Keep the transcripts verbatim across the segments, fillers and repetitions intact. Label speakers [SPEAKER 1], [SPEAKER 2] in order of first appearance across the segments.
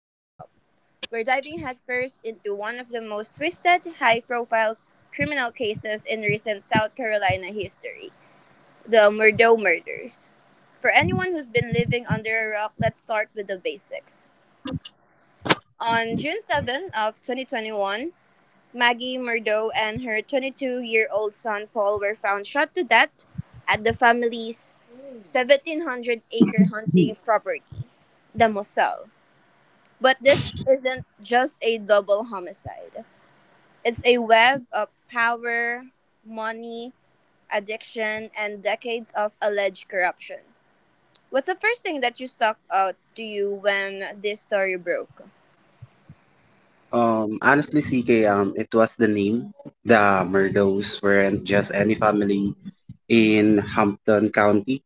[SPEAKER 1] Welcome. We're diving headfirst into one of the most twisted, high profile criminal cases in recent South Carolina history, the Murdo murders. For anyone who's been living under a rock, let's start with the basics. On June seventh of twenty twenty-one, Maggie Murdo and her twenty-two-year-old son Paul were found shot to death at the family's seventeen hundred-acre hunting property, the Moselle. But this isn't just a double homicide. It's a web of power, money, addiction, and decades of alleged corruption. What's the first thing that you stuck out to you when this story broke?
[SPEAKER 2] Um, honestly, C K, um, it was the name. The Murdos weren't just any family in Hampton County.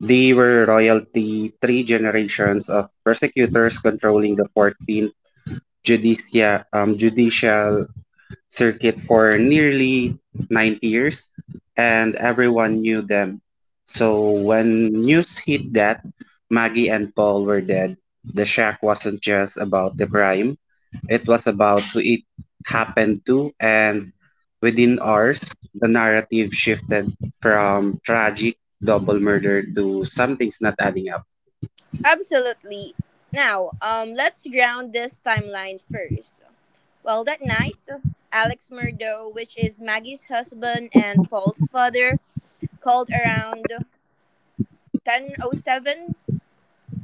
[SPEAKER 2] They were royalty, three generations of persecutors controlling the fourteenth judicia, um, judicial circuit for nearly ninety years, and everyone knew them. So when news hit that Maggie and Paul were dead, the shock wasn't just about the crime, it was about who it happened to, and within hours the narrative shifted from tragic double murder to something's not adding up.
[SPEAKER 1] Absolutely. Now, um, let's ground this timeline first. Well, that night, Alex Murdo, which is Maggie's husband and Paul's father, called around ten oh seven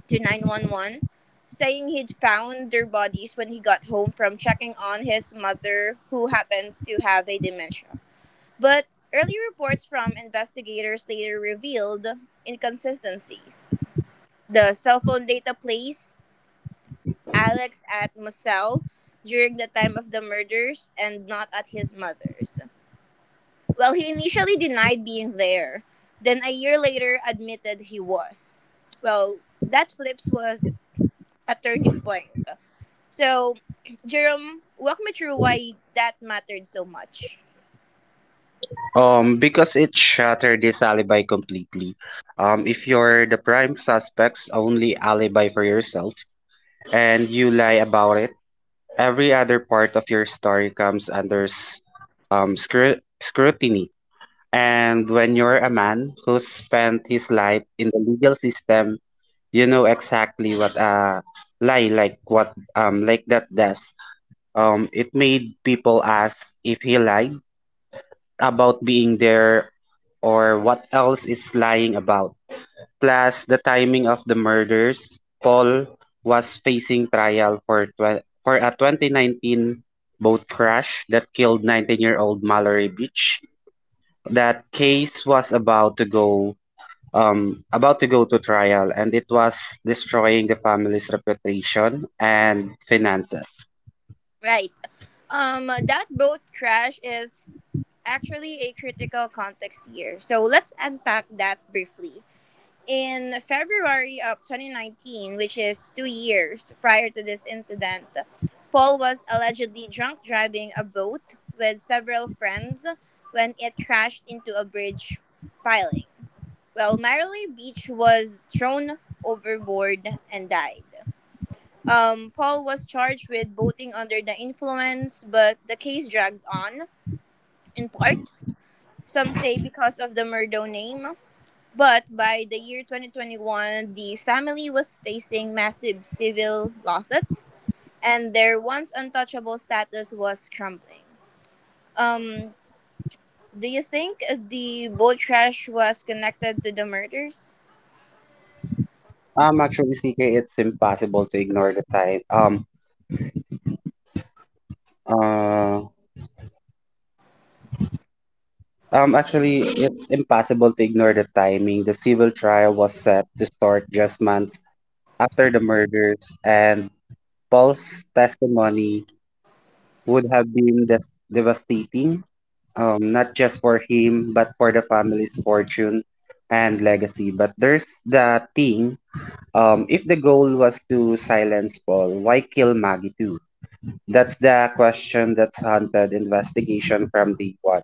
[SPEAKER 1] to nine one one, saying he'd found their bodies when he got home from checking on his mother, who happens to have a dementia. But early reports from investigators later revealed inconsistencies. The cell phone data placed Alex at Moselle during the time of the murders and not at his mother's. Well, he initially denied being there, then a year later admitted he was. Well, that flips was a turning point. So, Jerome, walk me through why that mattered so much.
[SPEAKER 2] Um, because it shattered this alibi completely. Um, if you're the prime suspect's only alibi for yourself and you lie about it, every other part of your story comes under s- um, scru- scrutiny. And when you're a man who spent his life in the legal system, you know exactly what a lie like what um like that does. Um, it made people ask if he lied about being there or what else is lying about. Plus, the timing of the murders, Paul was facing trial for, tw- for a twenty nineteen boat crash that killed nineteen year old Mallory Beach. That case was about to go um, about to go to trial, and it was destroying the family's reputation and finances.
[SPEAKER 1] Right. Um, that boat crash is actually a critical context here. So let's unpack that briefly. In February of twenty nineteen, which is two years prior to this incident, Paul was allegedly drunk driving a boat with several friends when it crashed into a bridge piling. Well, Marilyn Beach was thrown overboard and died. Um, Paul was charged with boating under the influence, but the case dragged on, in part, some say because of the Murdo name. But by the year twenty twenty-one, the family was facing massive civil lawsuits, and their once untouchable status was crumbling. Um, do you think the boat crash was connected to the murders?
[SPEAKER 2] Um, actually, C K, it's impossible to ignore the time. Um, uh, Um, actually, it's impossible to ignore the timing. The civil trial was set to start just months after the murders, and Paul's testimony would have been des- devastating, um, not just for him, but for the family's fortune and legacy. But there's the thing, um, if the goal was to silence Paul, why kill Maggie too? That's the question that's haunted investigation from day one,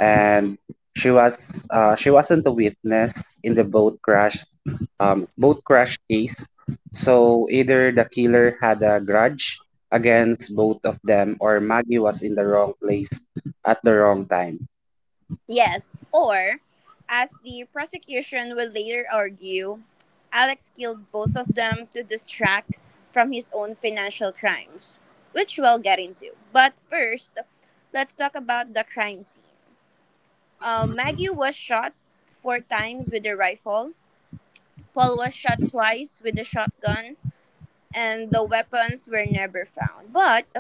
[SPEAKER 2] and she was uh, she wasn't a witness in the boat crash um, boat crash case. So either the killer had a grudge against both of them, or Maggie was in the wrong place at the wrong time.
[SPEAKER 1] Yes, or, as the prosecution will later argue, Alex killed both of them to distract from his own financial crimes, which we'll get into. But first, let's talk about the crime scene. Uh, Maggie was shot four times with a rifle, Paul was shot twice with a shotgun, and the weapons were never found. But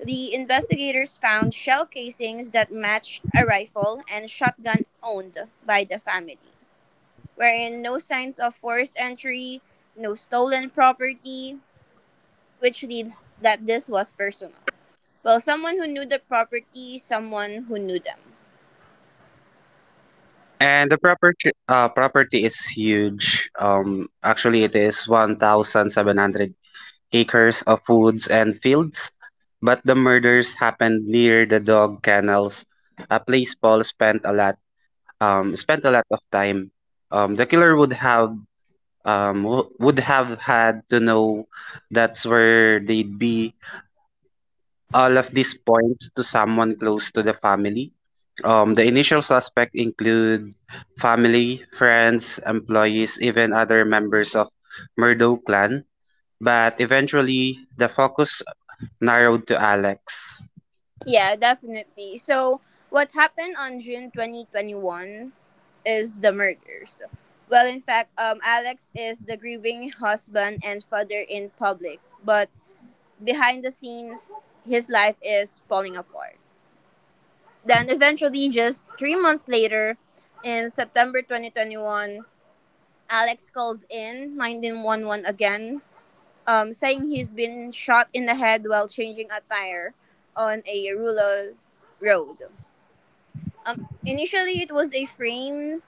[SPEAKER 1] the investigators found shell casings that matched a rifle and shotgun owned by the family, wherein no signs of forced entry, no stolen property, which leads that this was personal. Well, someone who knew the property, someone who knew them.
[SPEAKER 2] And the property uh, property is huge. Um, actually, it is one thousand seven hundred acres of woods and fields. But the murders happened near the dog kennels, a place Paul spent a lot um, spent a lot of time. Um, the killer would have um, w- would have had to know that's where they'd be. All of these points to someone close to the family. Um, the initial suspect include family, friends, employees, even other members of Murdo clan. But eventually, the focus narrowed to Alex.
[SPEAKER 1] Yeah, definitely. So, what happened on June twenty twenty-one is the murders. Well, in fact, um, Alex is the grieving husband and father in public, but behind the scenes, his life is falling apart. Then, eventually, just three months later, in September twenty twenty-one, Alex calls in nine one one again, um, saying he's been shot in the head while changing a tire on a rural road. Um, Initially, it was a frame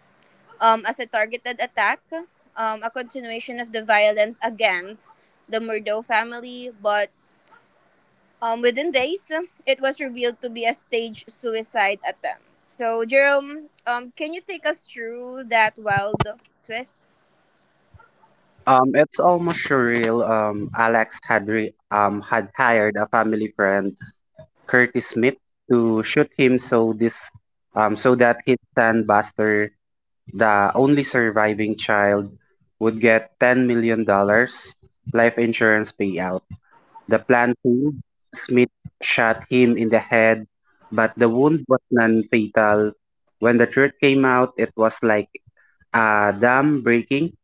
[SPEAKER 1] um, as a targeted attack, um, a continuation of the violence against the Murdo family, but um, within days, it was revealed to be a staged suicide attempt. So, Jerome, um, can you take us through that wild twist?
[SPEAKER 2] Um, it's almost surreal. Um, Alex had re- um had hired a family friend, Curtis Smith, to shoot him, so this um, so that his Buster, the only surviving child, would get ten million dollars life insurance payout. The plan failed. Smith shot him in the head, but the wound was non-fatal. When the truth came out, it was like a dam breaking.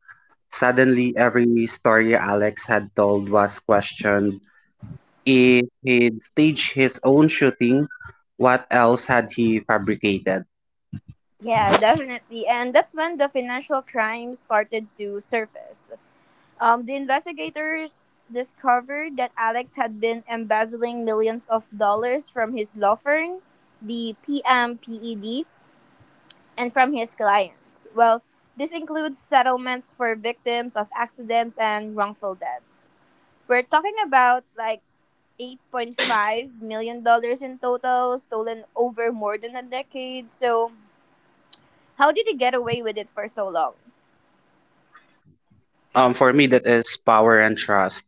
[SPEAKER 2] Suddenly, every story Alex had told was questioned. If he'd staged his own shooting, what else had he fabricated?
[SPEAKER 1] Yeah, definitely. And that's when the financial crimes started to surface. Um, the investigators discovered that Alex had been embezzling millions of dollars from his law firm, the P M P E D, and from his clients. Well, this includes settlements for victims of accidents and wrongful deaths. We're talking about like $8.5 million dollars in total, stolen over more than a decade. So, how did he get away with it for so long?
[SPEAKER 2] Um, for me, that is power and trust.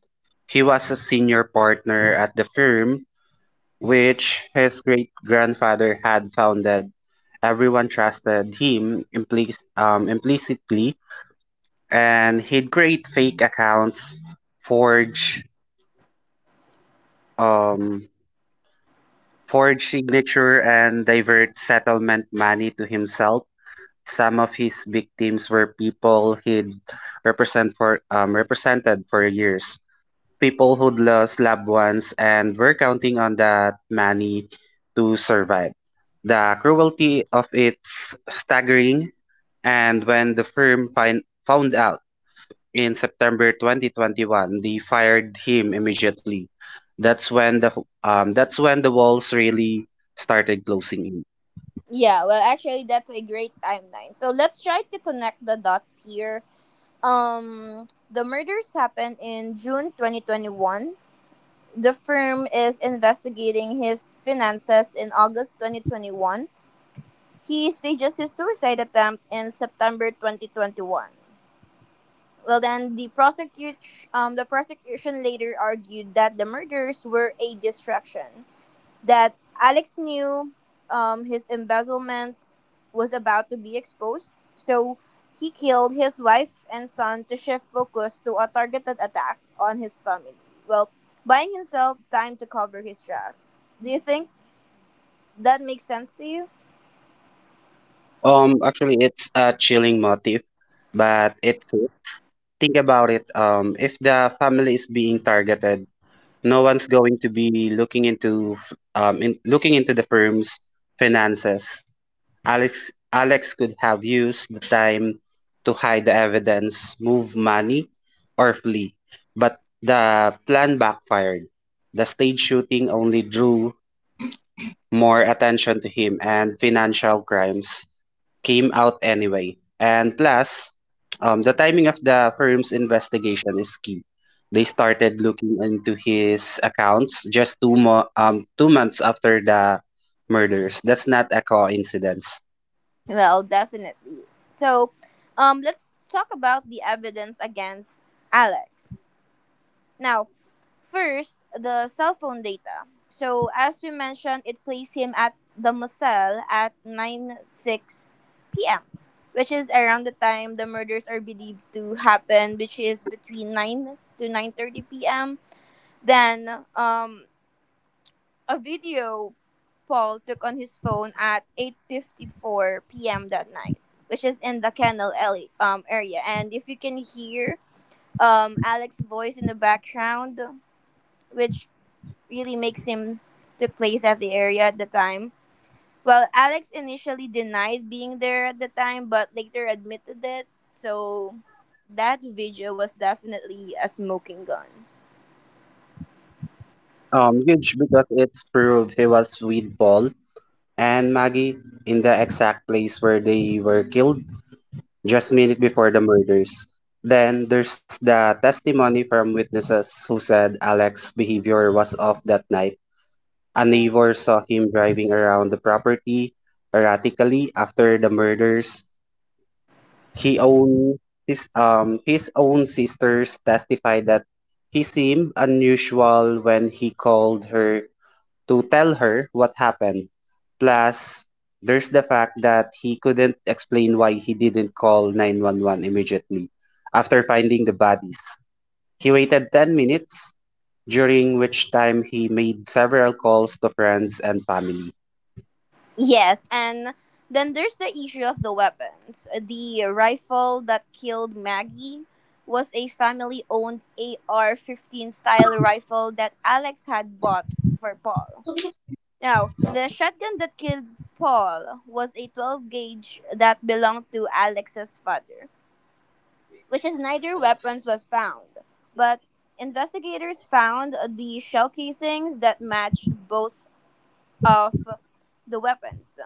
[SPEAKER 2] He was a senior partner at the firm, which his great grandfather had founded. Everyone trusted him implic- um, implicitly, and he'd create fake accounts, forge, um, forge signature, and divert settlement money to himself. Some of his victims were people he'd represent for, um, represented for years, people who'd lost loved ones and were counting on that money to survive. The cruelty of it's staggering, and when the firm find, found out in September twenty twenty-one, they fired him immediately. That's when the um, that's when the walls really started closing in.
[SPEAKER 1] Yeah, well, actually, that's a great timeline. So let's try to connect the dots here. Um, the murders happened in June twenty twenty-one. The firm is investigating his finances in August twenty twenty-one. He stages his suicide attempt in September twenty twenty-one. Well, then the prosecution, um, the prosecution later argued that the murders were a distraction that Alex knew um, his embezzlement was about to be exposed, so he killed his wife and son to shift focus to a targeted attack on his family. Well, buying himself time to cover his tracks. Do you think that makes sense to you?
[SPEAKER 2] Um, actually, it's a chilling motif, but it think about it. Um, if the family is being targeted, no one's going to be looking into f- um in, looking into the firm's finances. Alex Alex could have used the time to hide the evidence, move money, or flee, but the plan backfired. The stage shooting only drew more attention to him, and financial crimes came out anyway. And plus, um, the timing of the firm's investigation is key. They started looking into his accounts just two mo- um two months after the murders. That's not a coincidence.
[SPEAKER 1] Well, definitely. So, um, let's talk about the evidence against Alex. Now, first, the cell phone data. So as we mentioned, it placed him at the Moselle at nine six p m, which is around the time the murders are believed to happen, which is between nine to nine thirty p m. Then, um, a video Paul took on his phone at eight fifty-four p m that night, which is in the Kennel alley, um, area. And if you can hear um, Alex's voice in the background, which really makes him took place at the area at the time. Well, Alex initially denied being there at the time, but later admitted it. So that video was definitely a smoking gun.
[SPEAKER 2] Um, huge, because it's proved he was with Paul and Maggie in the exact place where they were killed just minute before the murders. Then there's the testimony from witnesses who said Alex's behavior was off that night. A neighbor saw him driving around the property erratically after the murders. He own his um His own sisters testified that he seemed unusual when he called her to tell her what happened. Plus, there's the fact that he couldn't explain why he didn't call nine one one immediately after finding the bodies. He waited ten minutes, during which time he made several calls to friends and family.
[SPEAKER 1] Yes, and then there's the issue of the weapons. The rifle that killed Maggie was a family owned A R fifteen style rifle that Alex had bought for Paul. Now, the shotgun that killed Paul was a twelve gauge that belonged to Alex's father, which is neither weapons was found, but investigators found the shell casings that matched both of the weapons.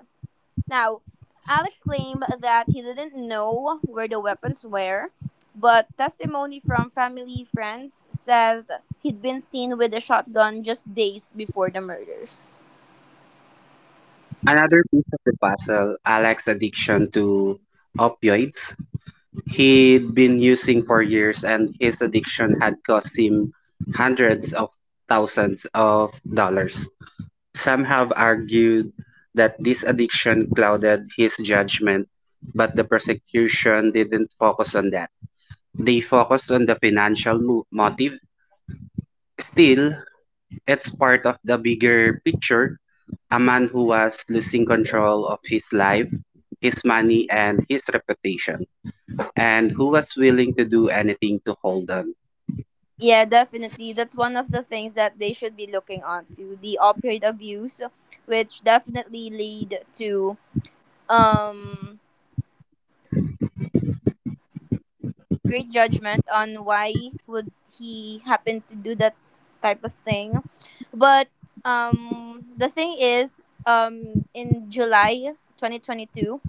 [SPEAKER 1] Now, Alex claimed that he didn't know where the weapons were, but testimony from family friends said he'd been seen with a shotgun just days before the murders.
[SPEAKER 2] Another piece of the puzzle, Alex's addiction to opioids. He'd been using for years, and his addiction had cost him hundreds of thousands of dollars. Some have argued that this addiction clouded his judgment, but the prosecution didn't focus on that. They focused on the financial mo- motive. Still, it's part of the bigger picture, a man who was losing control of his life, his money, and his reputation, and who was willing to do anything to hold them.
[SPEAKER 1] Yeah, definitely. That's one of the things that they should be looking onto the opioid abuse, which definitely lead to um great judgment on why would he happen to do that type of thing. But um, the thing is, um, in July twenty twenty-two,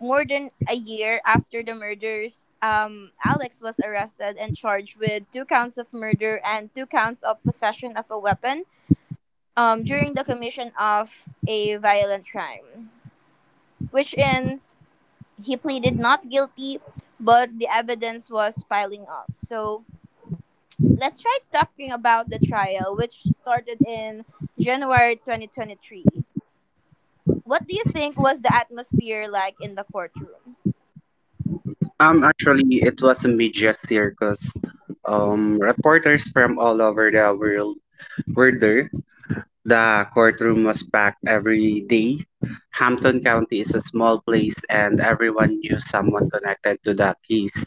[SPEAKER 1] more than a year after the murders, um, Alex was arrested and charged with two counts of murder and two counts of possession of a weapon um, during the commission of a violent crime, which in he pleaded not guilty, but the evidence was piling up. So let's try talking about the trial, which started in January twenty twenty-three. What do you think was the atmosphere like in the courtroom?
[SPEAKER 2] Um, actually, it was a media circus. Um, reporters from all over the world were there. The courtroom was packed every day. Hampton County is a small place, and everyone knew someone connected to the case.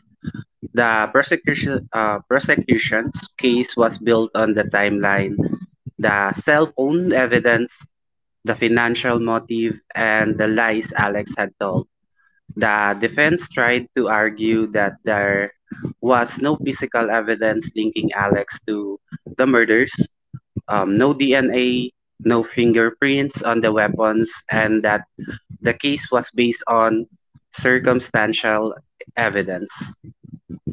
[SPEAKER 2] The prosecution, uh, prosecution's case was built on the timeline, the cell phone evidence, the financial motive, and the lies Alex had told. The defense tried to argue that there was no physical evidence linking Alex to the murders, um, no D N A, no fingerprints on the weapons, and that the case was based on circumstantial evidence.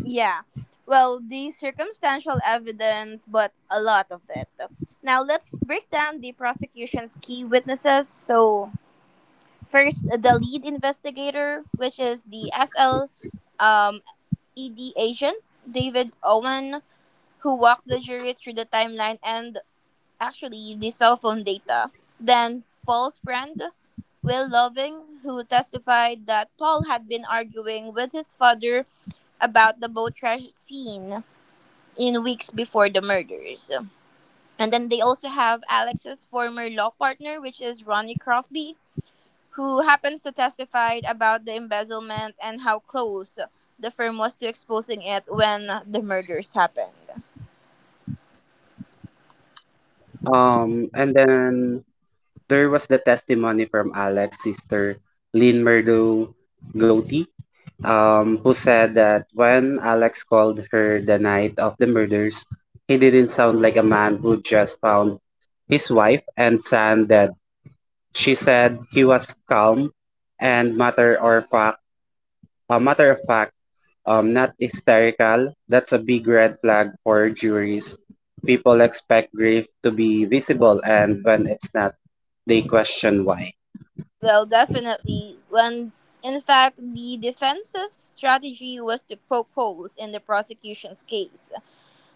[SPEAKER 1] Yeah, well, the circumstantial evidence, but a lot of it. Now let's break down the prosecution's key witnesses. So, first, uh, the lead investigator, which is the S L um, E D agent, David Owen, who walked the jury through the timeline and actually the cell phone data. Then, Paul's friend, Will Loving, who testified that Paul had been arguing with his father about the boat crash scene in weeks before the murders. And then they also have Alex's former law partner, which is Ronnie Crosby, who happens to testified about the embezzlement and how close the firm was to exposing it when the murders happened.
[SPEAKER 2] Um, and then There was the testimony from Alex's sister, Lynn Murdo Gotti, um, who said that when Alex called her the night of the murders, he didn't sound like a man who just found his wife and son dead. She said he was calm and matter or fact, uh, matter of fact, um, not hysterical. That's a big red flag for juries. People expect grief to be visible, and when it's not, they question why.
[SPEAKER 1] Well, definitely. When, in fact, the defense's strategy was to poke holes in the prosecution's case.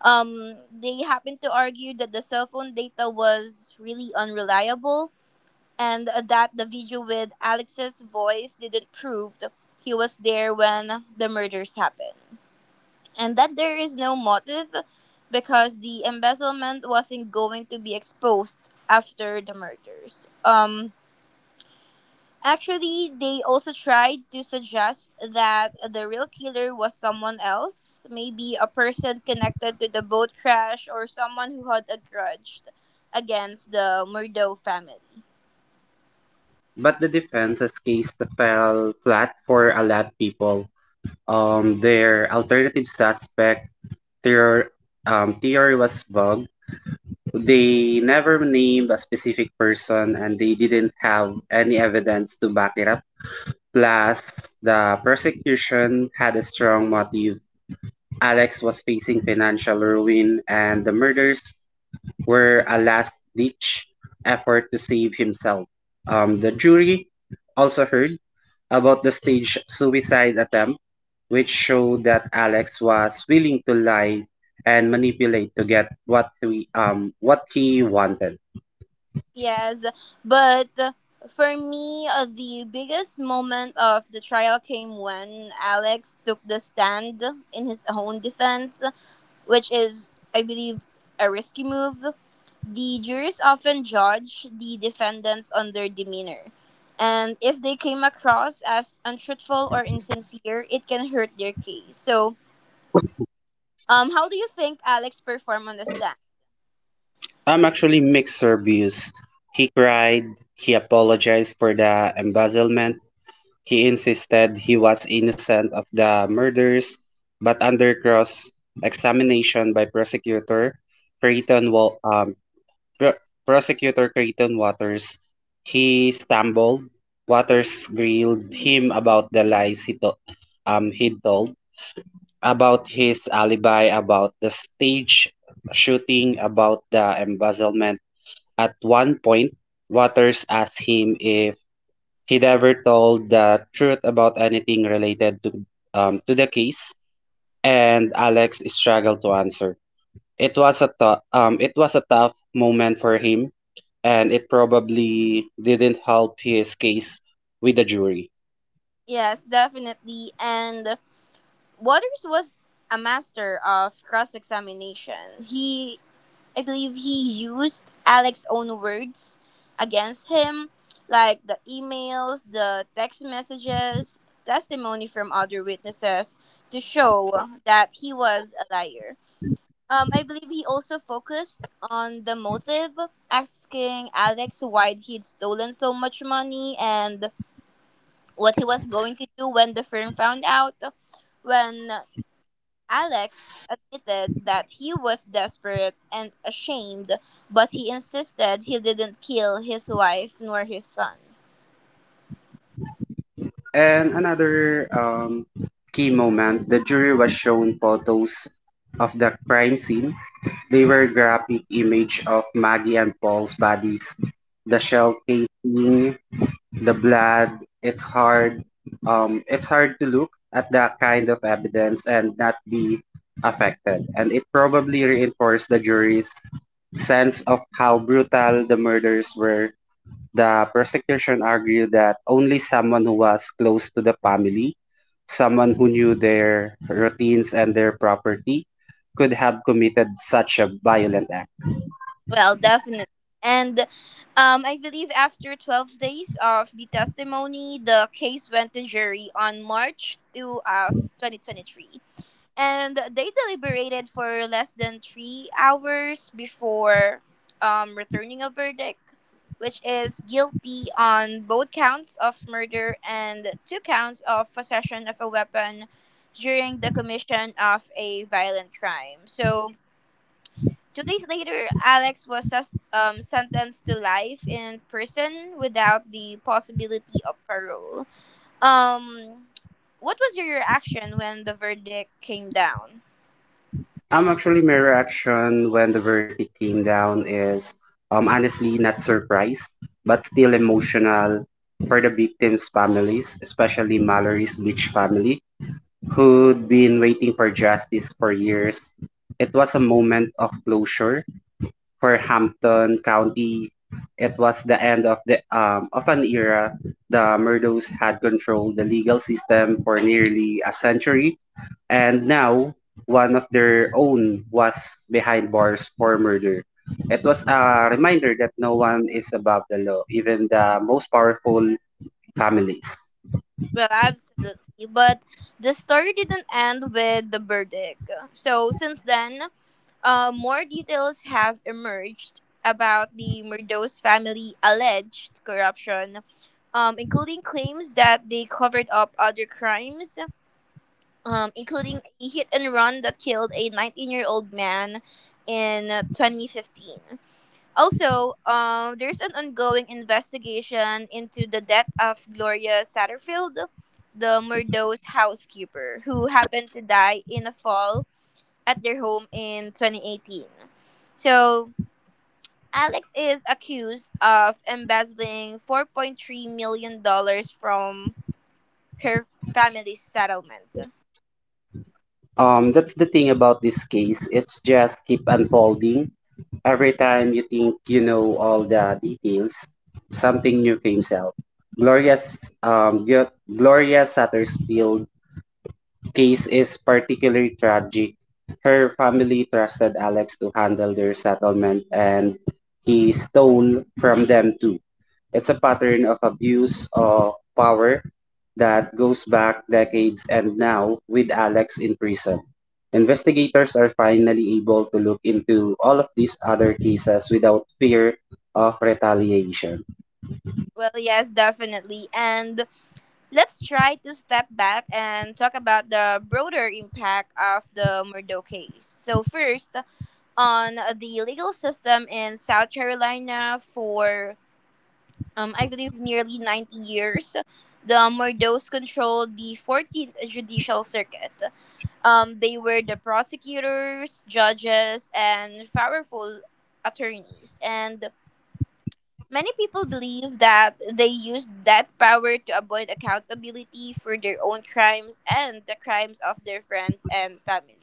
[SPEAKER 1] Um, they happened to argue that the cell phone data was really unreliable and that the video with Alex's voice didn't prove he was there when the murders happened, and that there is no motive because the embezzlement wasn't going to be exposed after the murders. Um, actually, they also tried to suggest that the real killer was someone else, maybe a person connected to the boat crash or someone who had a grudge against the Murdo family.
[SPEAKER 2] But the defense's case fell flat for a lot of people. Um, their alternative suspect their um, theory was vague. They never named a specific person, and they didn't have any evidence to back it up. Plus, the prosecution had a strong motive. Alex was facing financial ruin, and the murders were a last-ditch effort to save himself. Um, the jury also heard about the staged suicide attempt, which showed that Alex was willing to lie and manipulate to get what he, um, what he wanted.
[SPEAKER 1] Yes, but uh, for me, uh, the biggest moment of the trial came when Alex took the stand in his own defense, which is, I believe, a risky move. The jurors often judge the defendants on their demeanor, and if they came across as untruthful or insincere, it can hurt their case. So, um, how do you think Alex performed on the stand?
[SPEAKER 2] I'm actually Mixed reviews. He cried, he apologized for the embezzlement, he insisted he was innocent of the murders, but under cross-examination by prosecutor Creighton Wa- um, pro- prosecutor Creighton Waters, he stumbled. Waters grilled him about the lies he to- um, he told, about his alibi, about the stage shooting, about the embezzlement. At one point, Waters asked him if he never told the truth about anything related to um, to the case, and Alex struggled to answer. It was a tou- um, it was a tough moment for him, and it probably didn't help his case with the jury.
[SPEAKER 1] Yes, definitely, and Waters was a master of cross examination. He, I believe, he used Alex's own words against him, like the emails, the text messages, testimony from other witnesses to show that he was a liar. Um, I believe he also focused on the motive, asking Alex why he'd stolen so much money and what he was going to do when the firm found out when Alex admitted that he was desperate and ashamed, but he insisted he didn't kill his wife nor his son.
[SPEAKER 2] And another um, key moment, the jury was shown photos of the crime scene. They were graphic image of Maggie and Paul's bodies, the shell casing, the blood. It's hard um it's hard to look at that kind of evidence and not be affected, and it probably reinforced the jury's sense of how brutal the murders were. The prosecution argued that only someone who was close to the family, someone who knew their routines and their property, could have committed such a violent act.
[SPEAKER 1] Well, definitely. And um, I believe after twelve days of the testimony, the case went to jury on March second of twenty twenty-three. And they deliberated for less than three hours before um, returning a verdict, which is guilty on both counts of murder and two counts of possession of a weapon during the commission of a violent crime. So, two days later, Alex was sus- um, sentenced to life in prison without the possibility of parole. Um, what was your reaction when the verdict came down?
[SPEAKER 2] Um, actually, my reaction when the verdict came down is, um, honestly not surprised, but still emotional for the victims' families, especially Mallory's Beach family, who'd been waiting for justice for years. It was a moment of closure. For Hampton County, it was the end of the um, of an era. The Murdos had controlled the legal system for nearly a century, and now one of their own was behind bars for murder. It was a reminder that no one is above the law, even the most powerful families.
[SPEAKER 1] Well, absolutely. But the story didn't end with the verdict. So, since then, Uh, more details have emerged about the Murdos family alleged corruption, um, including claims that they covered up other crimes, um, including a hit and run that killed a nineteen year old man in twenty fifteen. Also, um, there's an ongoing investigation into the death of Gloria Satterfield, the Murdos housekeeper, who happened to die in the fall at their home in twenty eighteen. So, Alex is accused of embezzling $4.3 million dollars from her family's settlement.
[SPEAKER 2] Um, that's the thing about this case. It's just keep unfolding. Every time you think you know all the details, something new comes out. Gloria's um, Gu- Gloria Satterfield case is particularly tragic. Her family trusted Alex to handle their settlement, and he stole from them too. It's a pattern of abuse of power that goes back decades, and now with Alex in prison, investigators are finally able to look into all of these other cases without fear of retaliation.
[SPEAKER 1] Well, yes, definitely. And let's try to step back and talk about the broader impact of the Murdo case. So, first, on the legal system in South Carolina for um, I believe, nearly ninety years. The Mordos controlled the fourteenth Judicial Circuit. Um, they were the prosecutors, judges, and powerful attorneys. And many people believe that they used that power to avoid accountability for their own crimes and the crimes of their friends and family.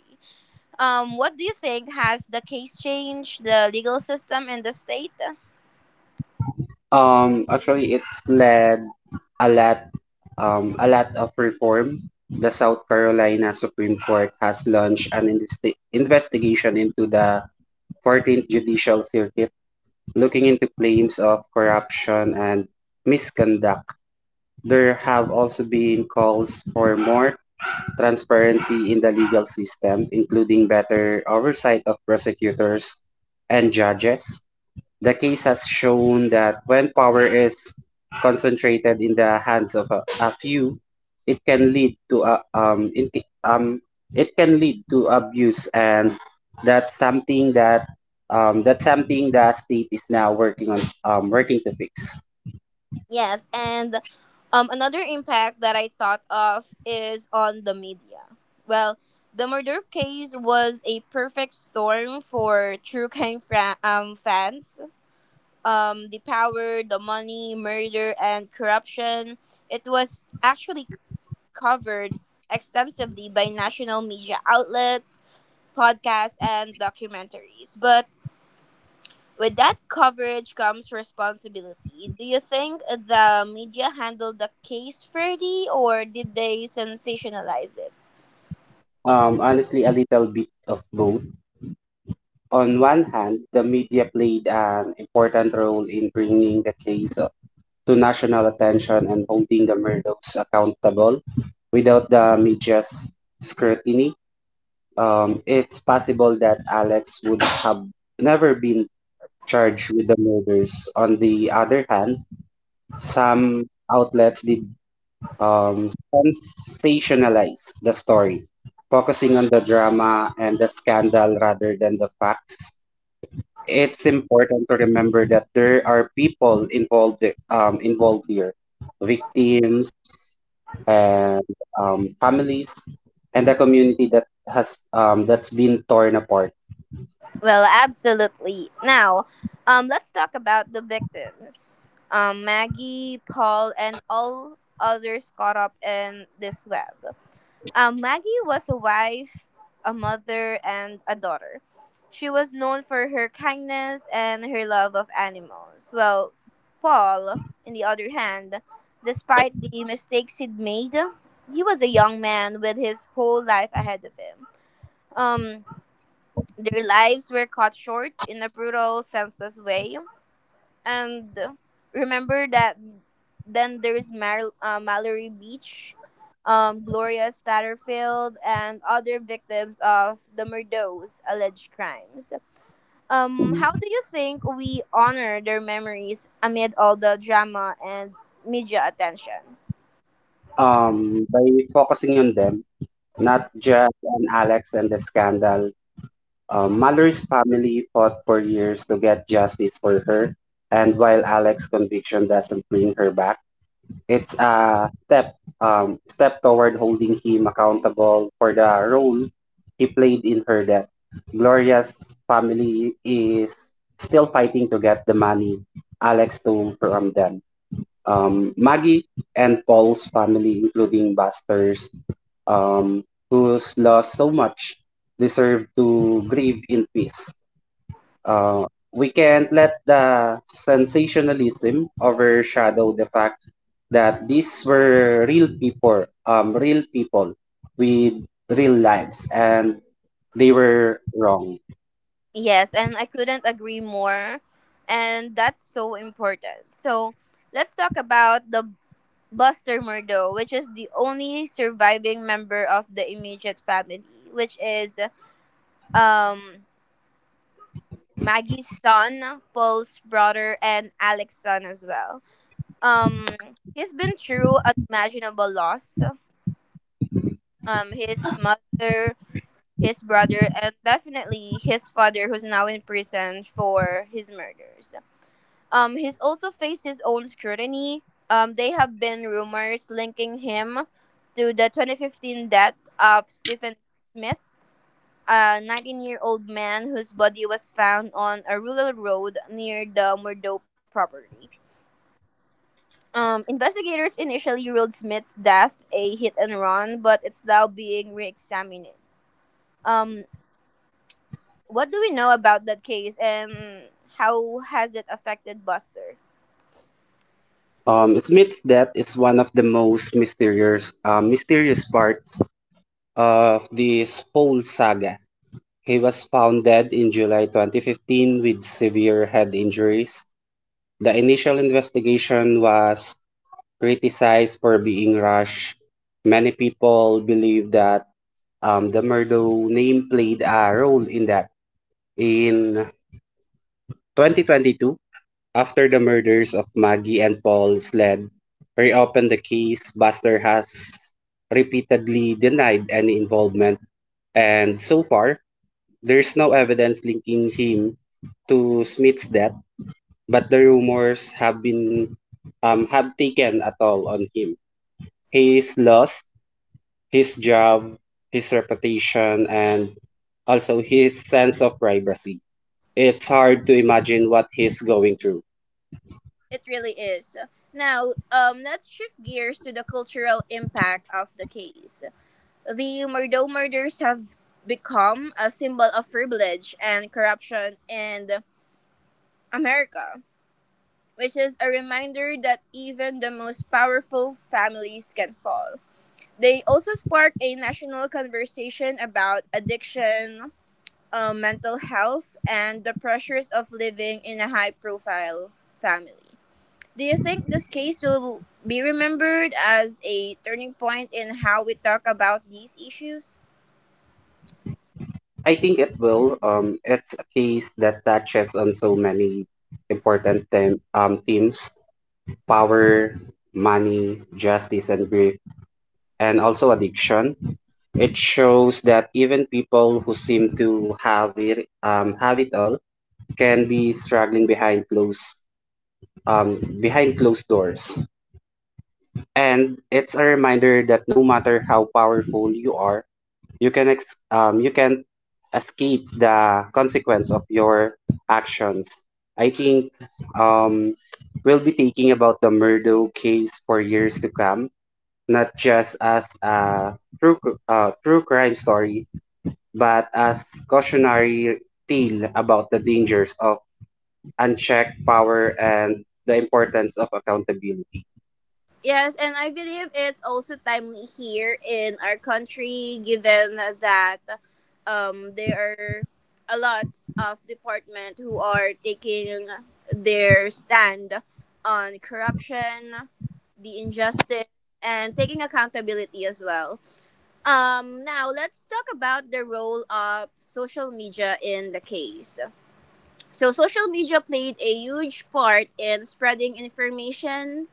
[SPEAKER 1] Um, what do you think? Has the case changed the legal system in the state?
[SPEAKER 2] Um, actually, it's led a lot, um, a lot of reform. The South Carolina Supreme Court has launched an investi investigation into the fourteenth Judicial Circuit, looking into claims of corruption and misconduct. There have also been calls for more transparency in the legal system, including better oversight of prosecutors and judges. The case has shown that when power is concentrated in the hands of a, a few, it can lead to a, um, in, um it can lead to abuse, and that's something that um, that's something the state is now working on um, working to fix.
[SPEAKER 1] Yes, and um, another impact that I thought of is on the media. Well, the murder case was a perfect storm for true crime fra- um, fans. Um, the power, the money, murder, and corruption. It was actually covered extensively by national media outlets, podcasts, and documentaries. But with that coverage comes responsibility. Do you think the media handled the case fairly or did they sensationalize it?
[SPEAKER 2] Um, honestly, a little bit of both. On one hand, the media played an important role in bringing the case to national attention and holding the murdochs accountable without the media's scrutiny, um, it's possible that Alex would have never been charged with the murders. On the other hand, some outlets did um, sensationalize the story, focusing on the drama and the scandal rather than the facts. It's important to remember that there are people involved um, involved here, victims, and um, families and the community that has um, that's been torn apart.
[SPEAKER 1] Well, absolutely. Now, um, let's talk about the victims. Um, Maggie, Paul, and all others caught up in this web. Um, Maggie was a wife, a mother, and a daughter. She was known for her kindness and her love of animals. Well, Paul, on the other hand, despite the mistakes he'd made, he was a young man with his whole life ahead of him. Um, their lives were cut short in a brutal, senseless way, and remember that then there's Mar- uh, Mallory Beach, um, Gloria Statterfield, and other victims of the Murdo's alleged crimes. Um, how do you think we honor their memories amid all the drama and media attention?
[SPEAKER 2] Um, by focusing on them, not just on Alex and the scandal. um, Mallory's family fought for years to get justice for her, and while Alex's conviction doesn't bring her back, it's a step um step toward holding him accountable for the role he played in her death. Gloria's family is still fighting to get the money Alex stole from them. Um, Maggie and Paul's family, including Buster's, um, who's lost so much, deserve to grieve in peace. Uh, we can't let the sensationalism overshadow the fact that these were real people, um, real people with real lives, and they were wrong.
[SPEAKER 1] Yes, and I couldn't agree more. And that's so important. So let's talk about the Buster Murdo, which is the only surviving member of the immediate family, which is um Maggie's son, Paul's brother, and Alex's son as well. Um, he's been through unimaginable loss. Um, his mother, his brother, and definitely his father, who's now in prison for his murders. Um, he's also faced his own scrutiny. Um, there have been rumors linking him to the twenty fifteen death of Stephen Smith, a nineteen-year-old man whose body was found on a rural road near the Murdo property. Um, investigators initially ruled Smith's death a hit and run, but it's now being re-examined. Um, what do we know about that case, and how has it affected Buster?
[SPEAKER 2] Um, Smith's death is one of the most mysterious, um, mysterious parts of this whole saga. He was found dead in July twenty fifteen with severe head injuries. The initial investigation was criticized for being rushed. Many people believe that um, the Murdo name played a role in that. In twenty twenty-two, after the murders of Maggie and Paul Sled reopened the case, Buster has repeatedly denied any involvement, and so far, there's no evidence linking him to Smith's death, but the rumors have been um, have taken a toll on him. He is lost his job, his reputation, and also his sense of privacy. It's hard to imagine what he's going through.
[SPEAKER 1] It really is. Now, um, let's shift gears to the cultural impact of the case. The Murdo murders have become a symbol of privilege and corruption in America, which is a reminder that even the most powerful families can fall. They also spark a national conversation about addiction, uh, mental health, and the pressures of living in a high profile family. Do you think this case will be remembered as a turning point in how we talk about these issues?
[SPEAKER 2] I think it will. Um, it's a case that touches on so many important them um, themes: power, money, justice, and grief, and also addiction. It shows that even people who seem to have it, um, have it all can be struggling behind closed um, behind closed doors. And it's a reminder that no matter how powerful you are, you can ex- um, you can escape the consequence of your actions. I think um, we'll be thinking about the Murdo case for years to come, not just as a true cr- uh, true crime story, but as cautionary tale about the dangers of unchecked power and the importance of accountability.
[SPEAKER 1] Yes, and I believe it's also timely here in our country given that um, there are a lot of department who are taking their stand on corruption, the injustice, and taking accountability as well. Um, now let's talk about the role of social media in the case. So social media played a huge part in spreading information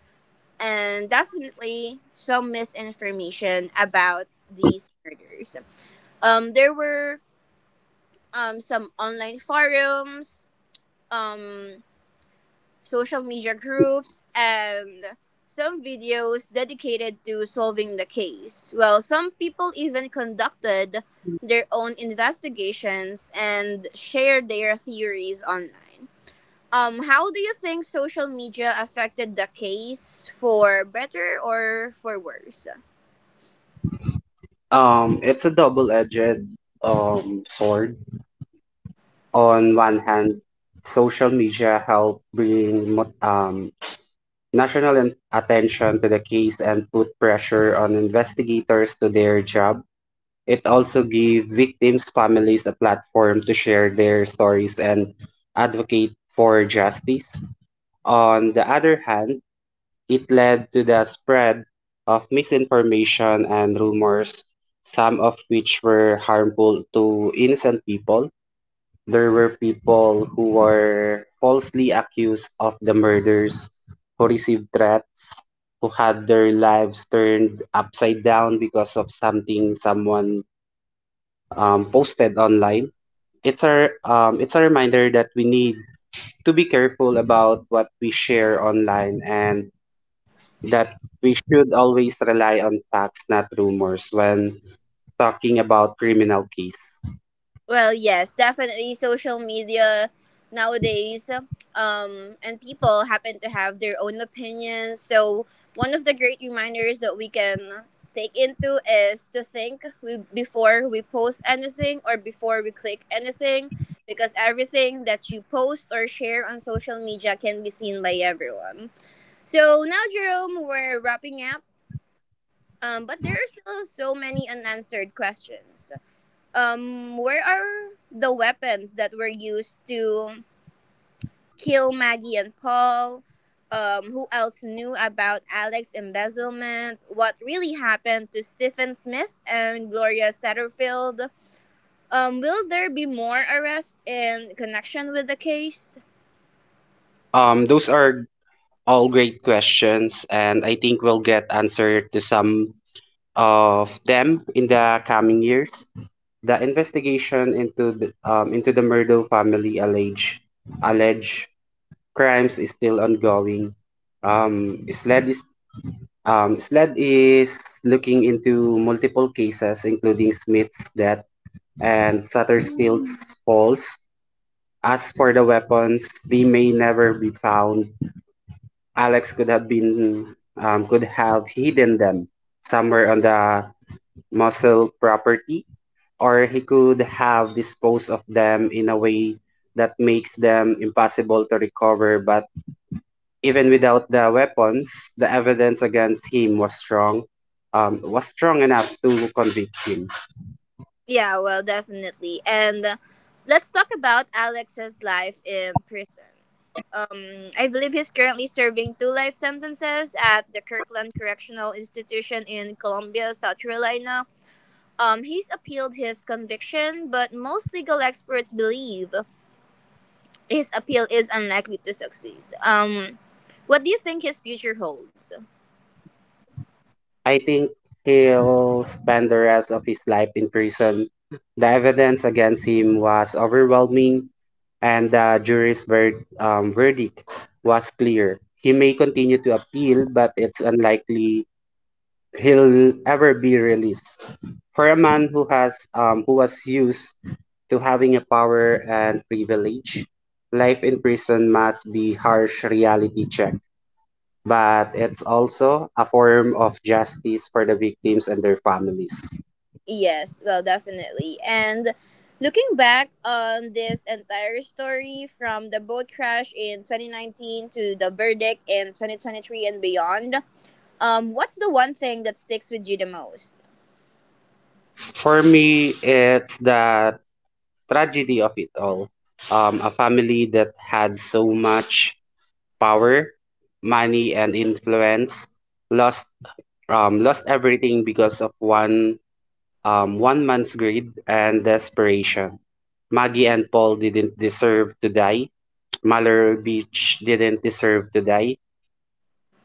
[SPEAKER 1] and definitely some misinformation about these murders. Um, there were um, some online forums, um, social media groups, and some videos dedicated to solving the case. Well, some people even conducted their own investigations and shared their theories online. Um, how do you think social media affected the case for better or for worse?
[SPEAKER 2] Um, it's a double-edged um sword. On one hand, social media help bring mo- um national an- attention to the case and put pressure on investigators to their job. It also give victims' families a platform to share their stories and advocate for justice. On the other hand, it led to the spread of misinformation and rumors, some of which were harmful to innocent people. There were people who were falsely accused of the murders, who received threats, who had their lives turned upside down because of something someone um, posted online. It's a um, it's a reminder that we need to be careful about what we share online and that we should always rely on facts, not rumors, when talking about criminal case?
[SPEAKER 1] Well, yes, definitely social media nowadays, um, and people happen to have their own opinions. So, one of the great reminders that we can take into is to think we, before we post anything or before we click anything, because everything that you post or share on social media can be seen by everyone. So now, Jerome, we're wrapping up. Um, but there are still so many unanswered questions. Um, where are the weapons that were used to kill Maggie and Paul? Um, who else knew about Alex's embezzlement? What really happened to Stephen Smith and Gloria Satterfield? Um, will there be more arrests in connection with the case?
[SPEAKER 2] Um, those are all great questions, and I think we'll get answer to some of them in the coming years. The investigation into the um, into the Murdo family alleged alleged crimes is still ongoing. Um, SLED is um, SLED is looking into multiple cases, including Smith's death and Satterfield's falls. As for the weapons, they may never be found. Alex could have been um, could have hidden them somewhere on the Muscle property, or he could have disposed of them in a way that makes them impossible to recover. But even without the weapons, the evidence against him was strong, um, was strong enough to convict him.
[SPEAKER 1] Yeah, well, definitely. And uh, let's talk about Alex's life in prison. Um, I believe he's currently serving two life sentences at the Kirkland Correctional Institution in Columbia, South Carolina. Um, he's appealed his conviction, but most legal experts believe his appeal is unlikely to succeed. Um, what do you think his future holds?
[SPEAKER 2] I think he'll spend the rest of his life in prison. The evidence against him was overwhelming, and the jury's ver- um, verdict was clear. He may continue to appeal, but it's unlikely he'll ever be released. For a man who has um, who was used to having a power and privilege, life in prison must be harsh reality check. But it's also a form of justice for the victims and their families.
[SPEAKER 1] Yes, well, definitely. And looking back on this entire story from the boat crash in twenty nineteen to the verdict in twenty twenty-three and beyond, um, what's the one thing that sticks with you the most?
[SPEAKER 2] For me, it's the tragedy of it all. Um, a family that had so much power, money, and influence lost um, lost everything because of one um, one man's greed and desperation. Maggie and Paul didn't deserve to die. Mallory Beach didn't deserve to die.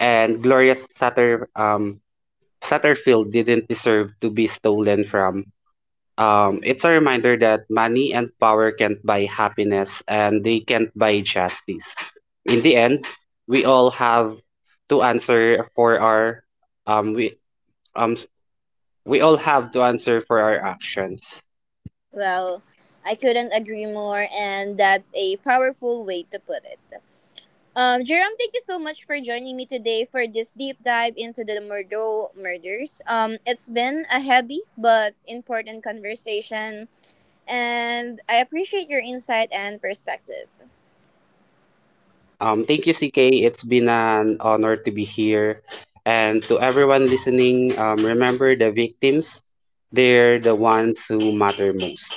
[SPEAKER 2] And Gloria Sutter um, Satterfield didn't deserve to be stolen from. Um, it's a reminder that money and power can't buy happiness and they can't buy justice. In the end, we all have to answer for our um we um s- we all have to answer for our actions.
[SPEAKER 1] Well, I couldn't agree more, and that's a powerful way to put it. Um, Jerome, thank you so much for joining me today for this deep dive into the Murdo murders. Um, it's been a heavy but important conversation and I appreciate your insight and perspective.
[SPEAKER 2] Um, thank you, C K. It's been an honor to be here. And to everyone listening, um, remember the victims, they're the ones who matter most.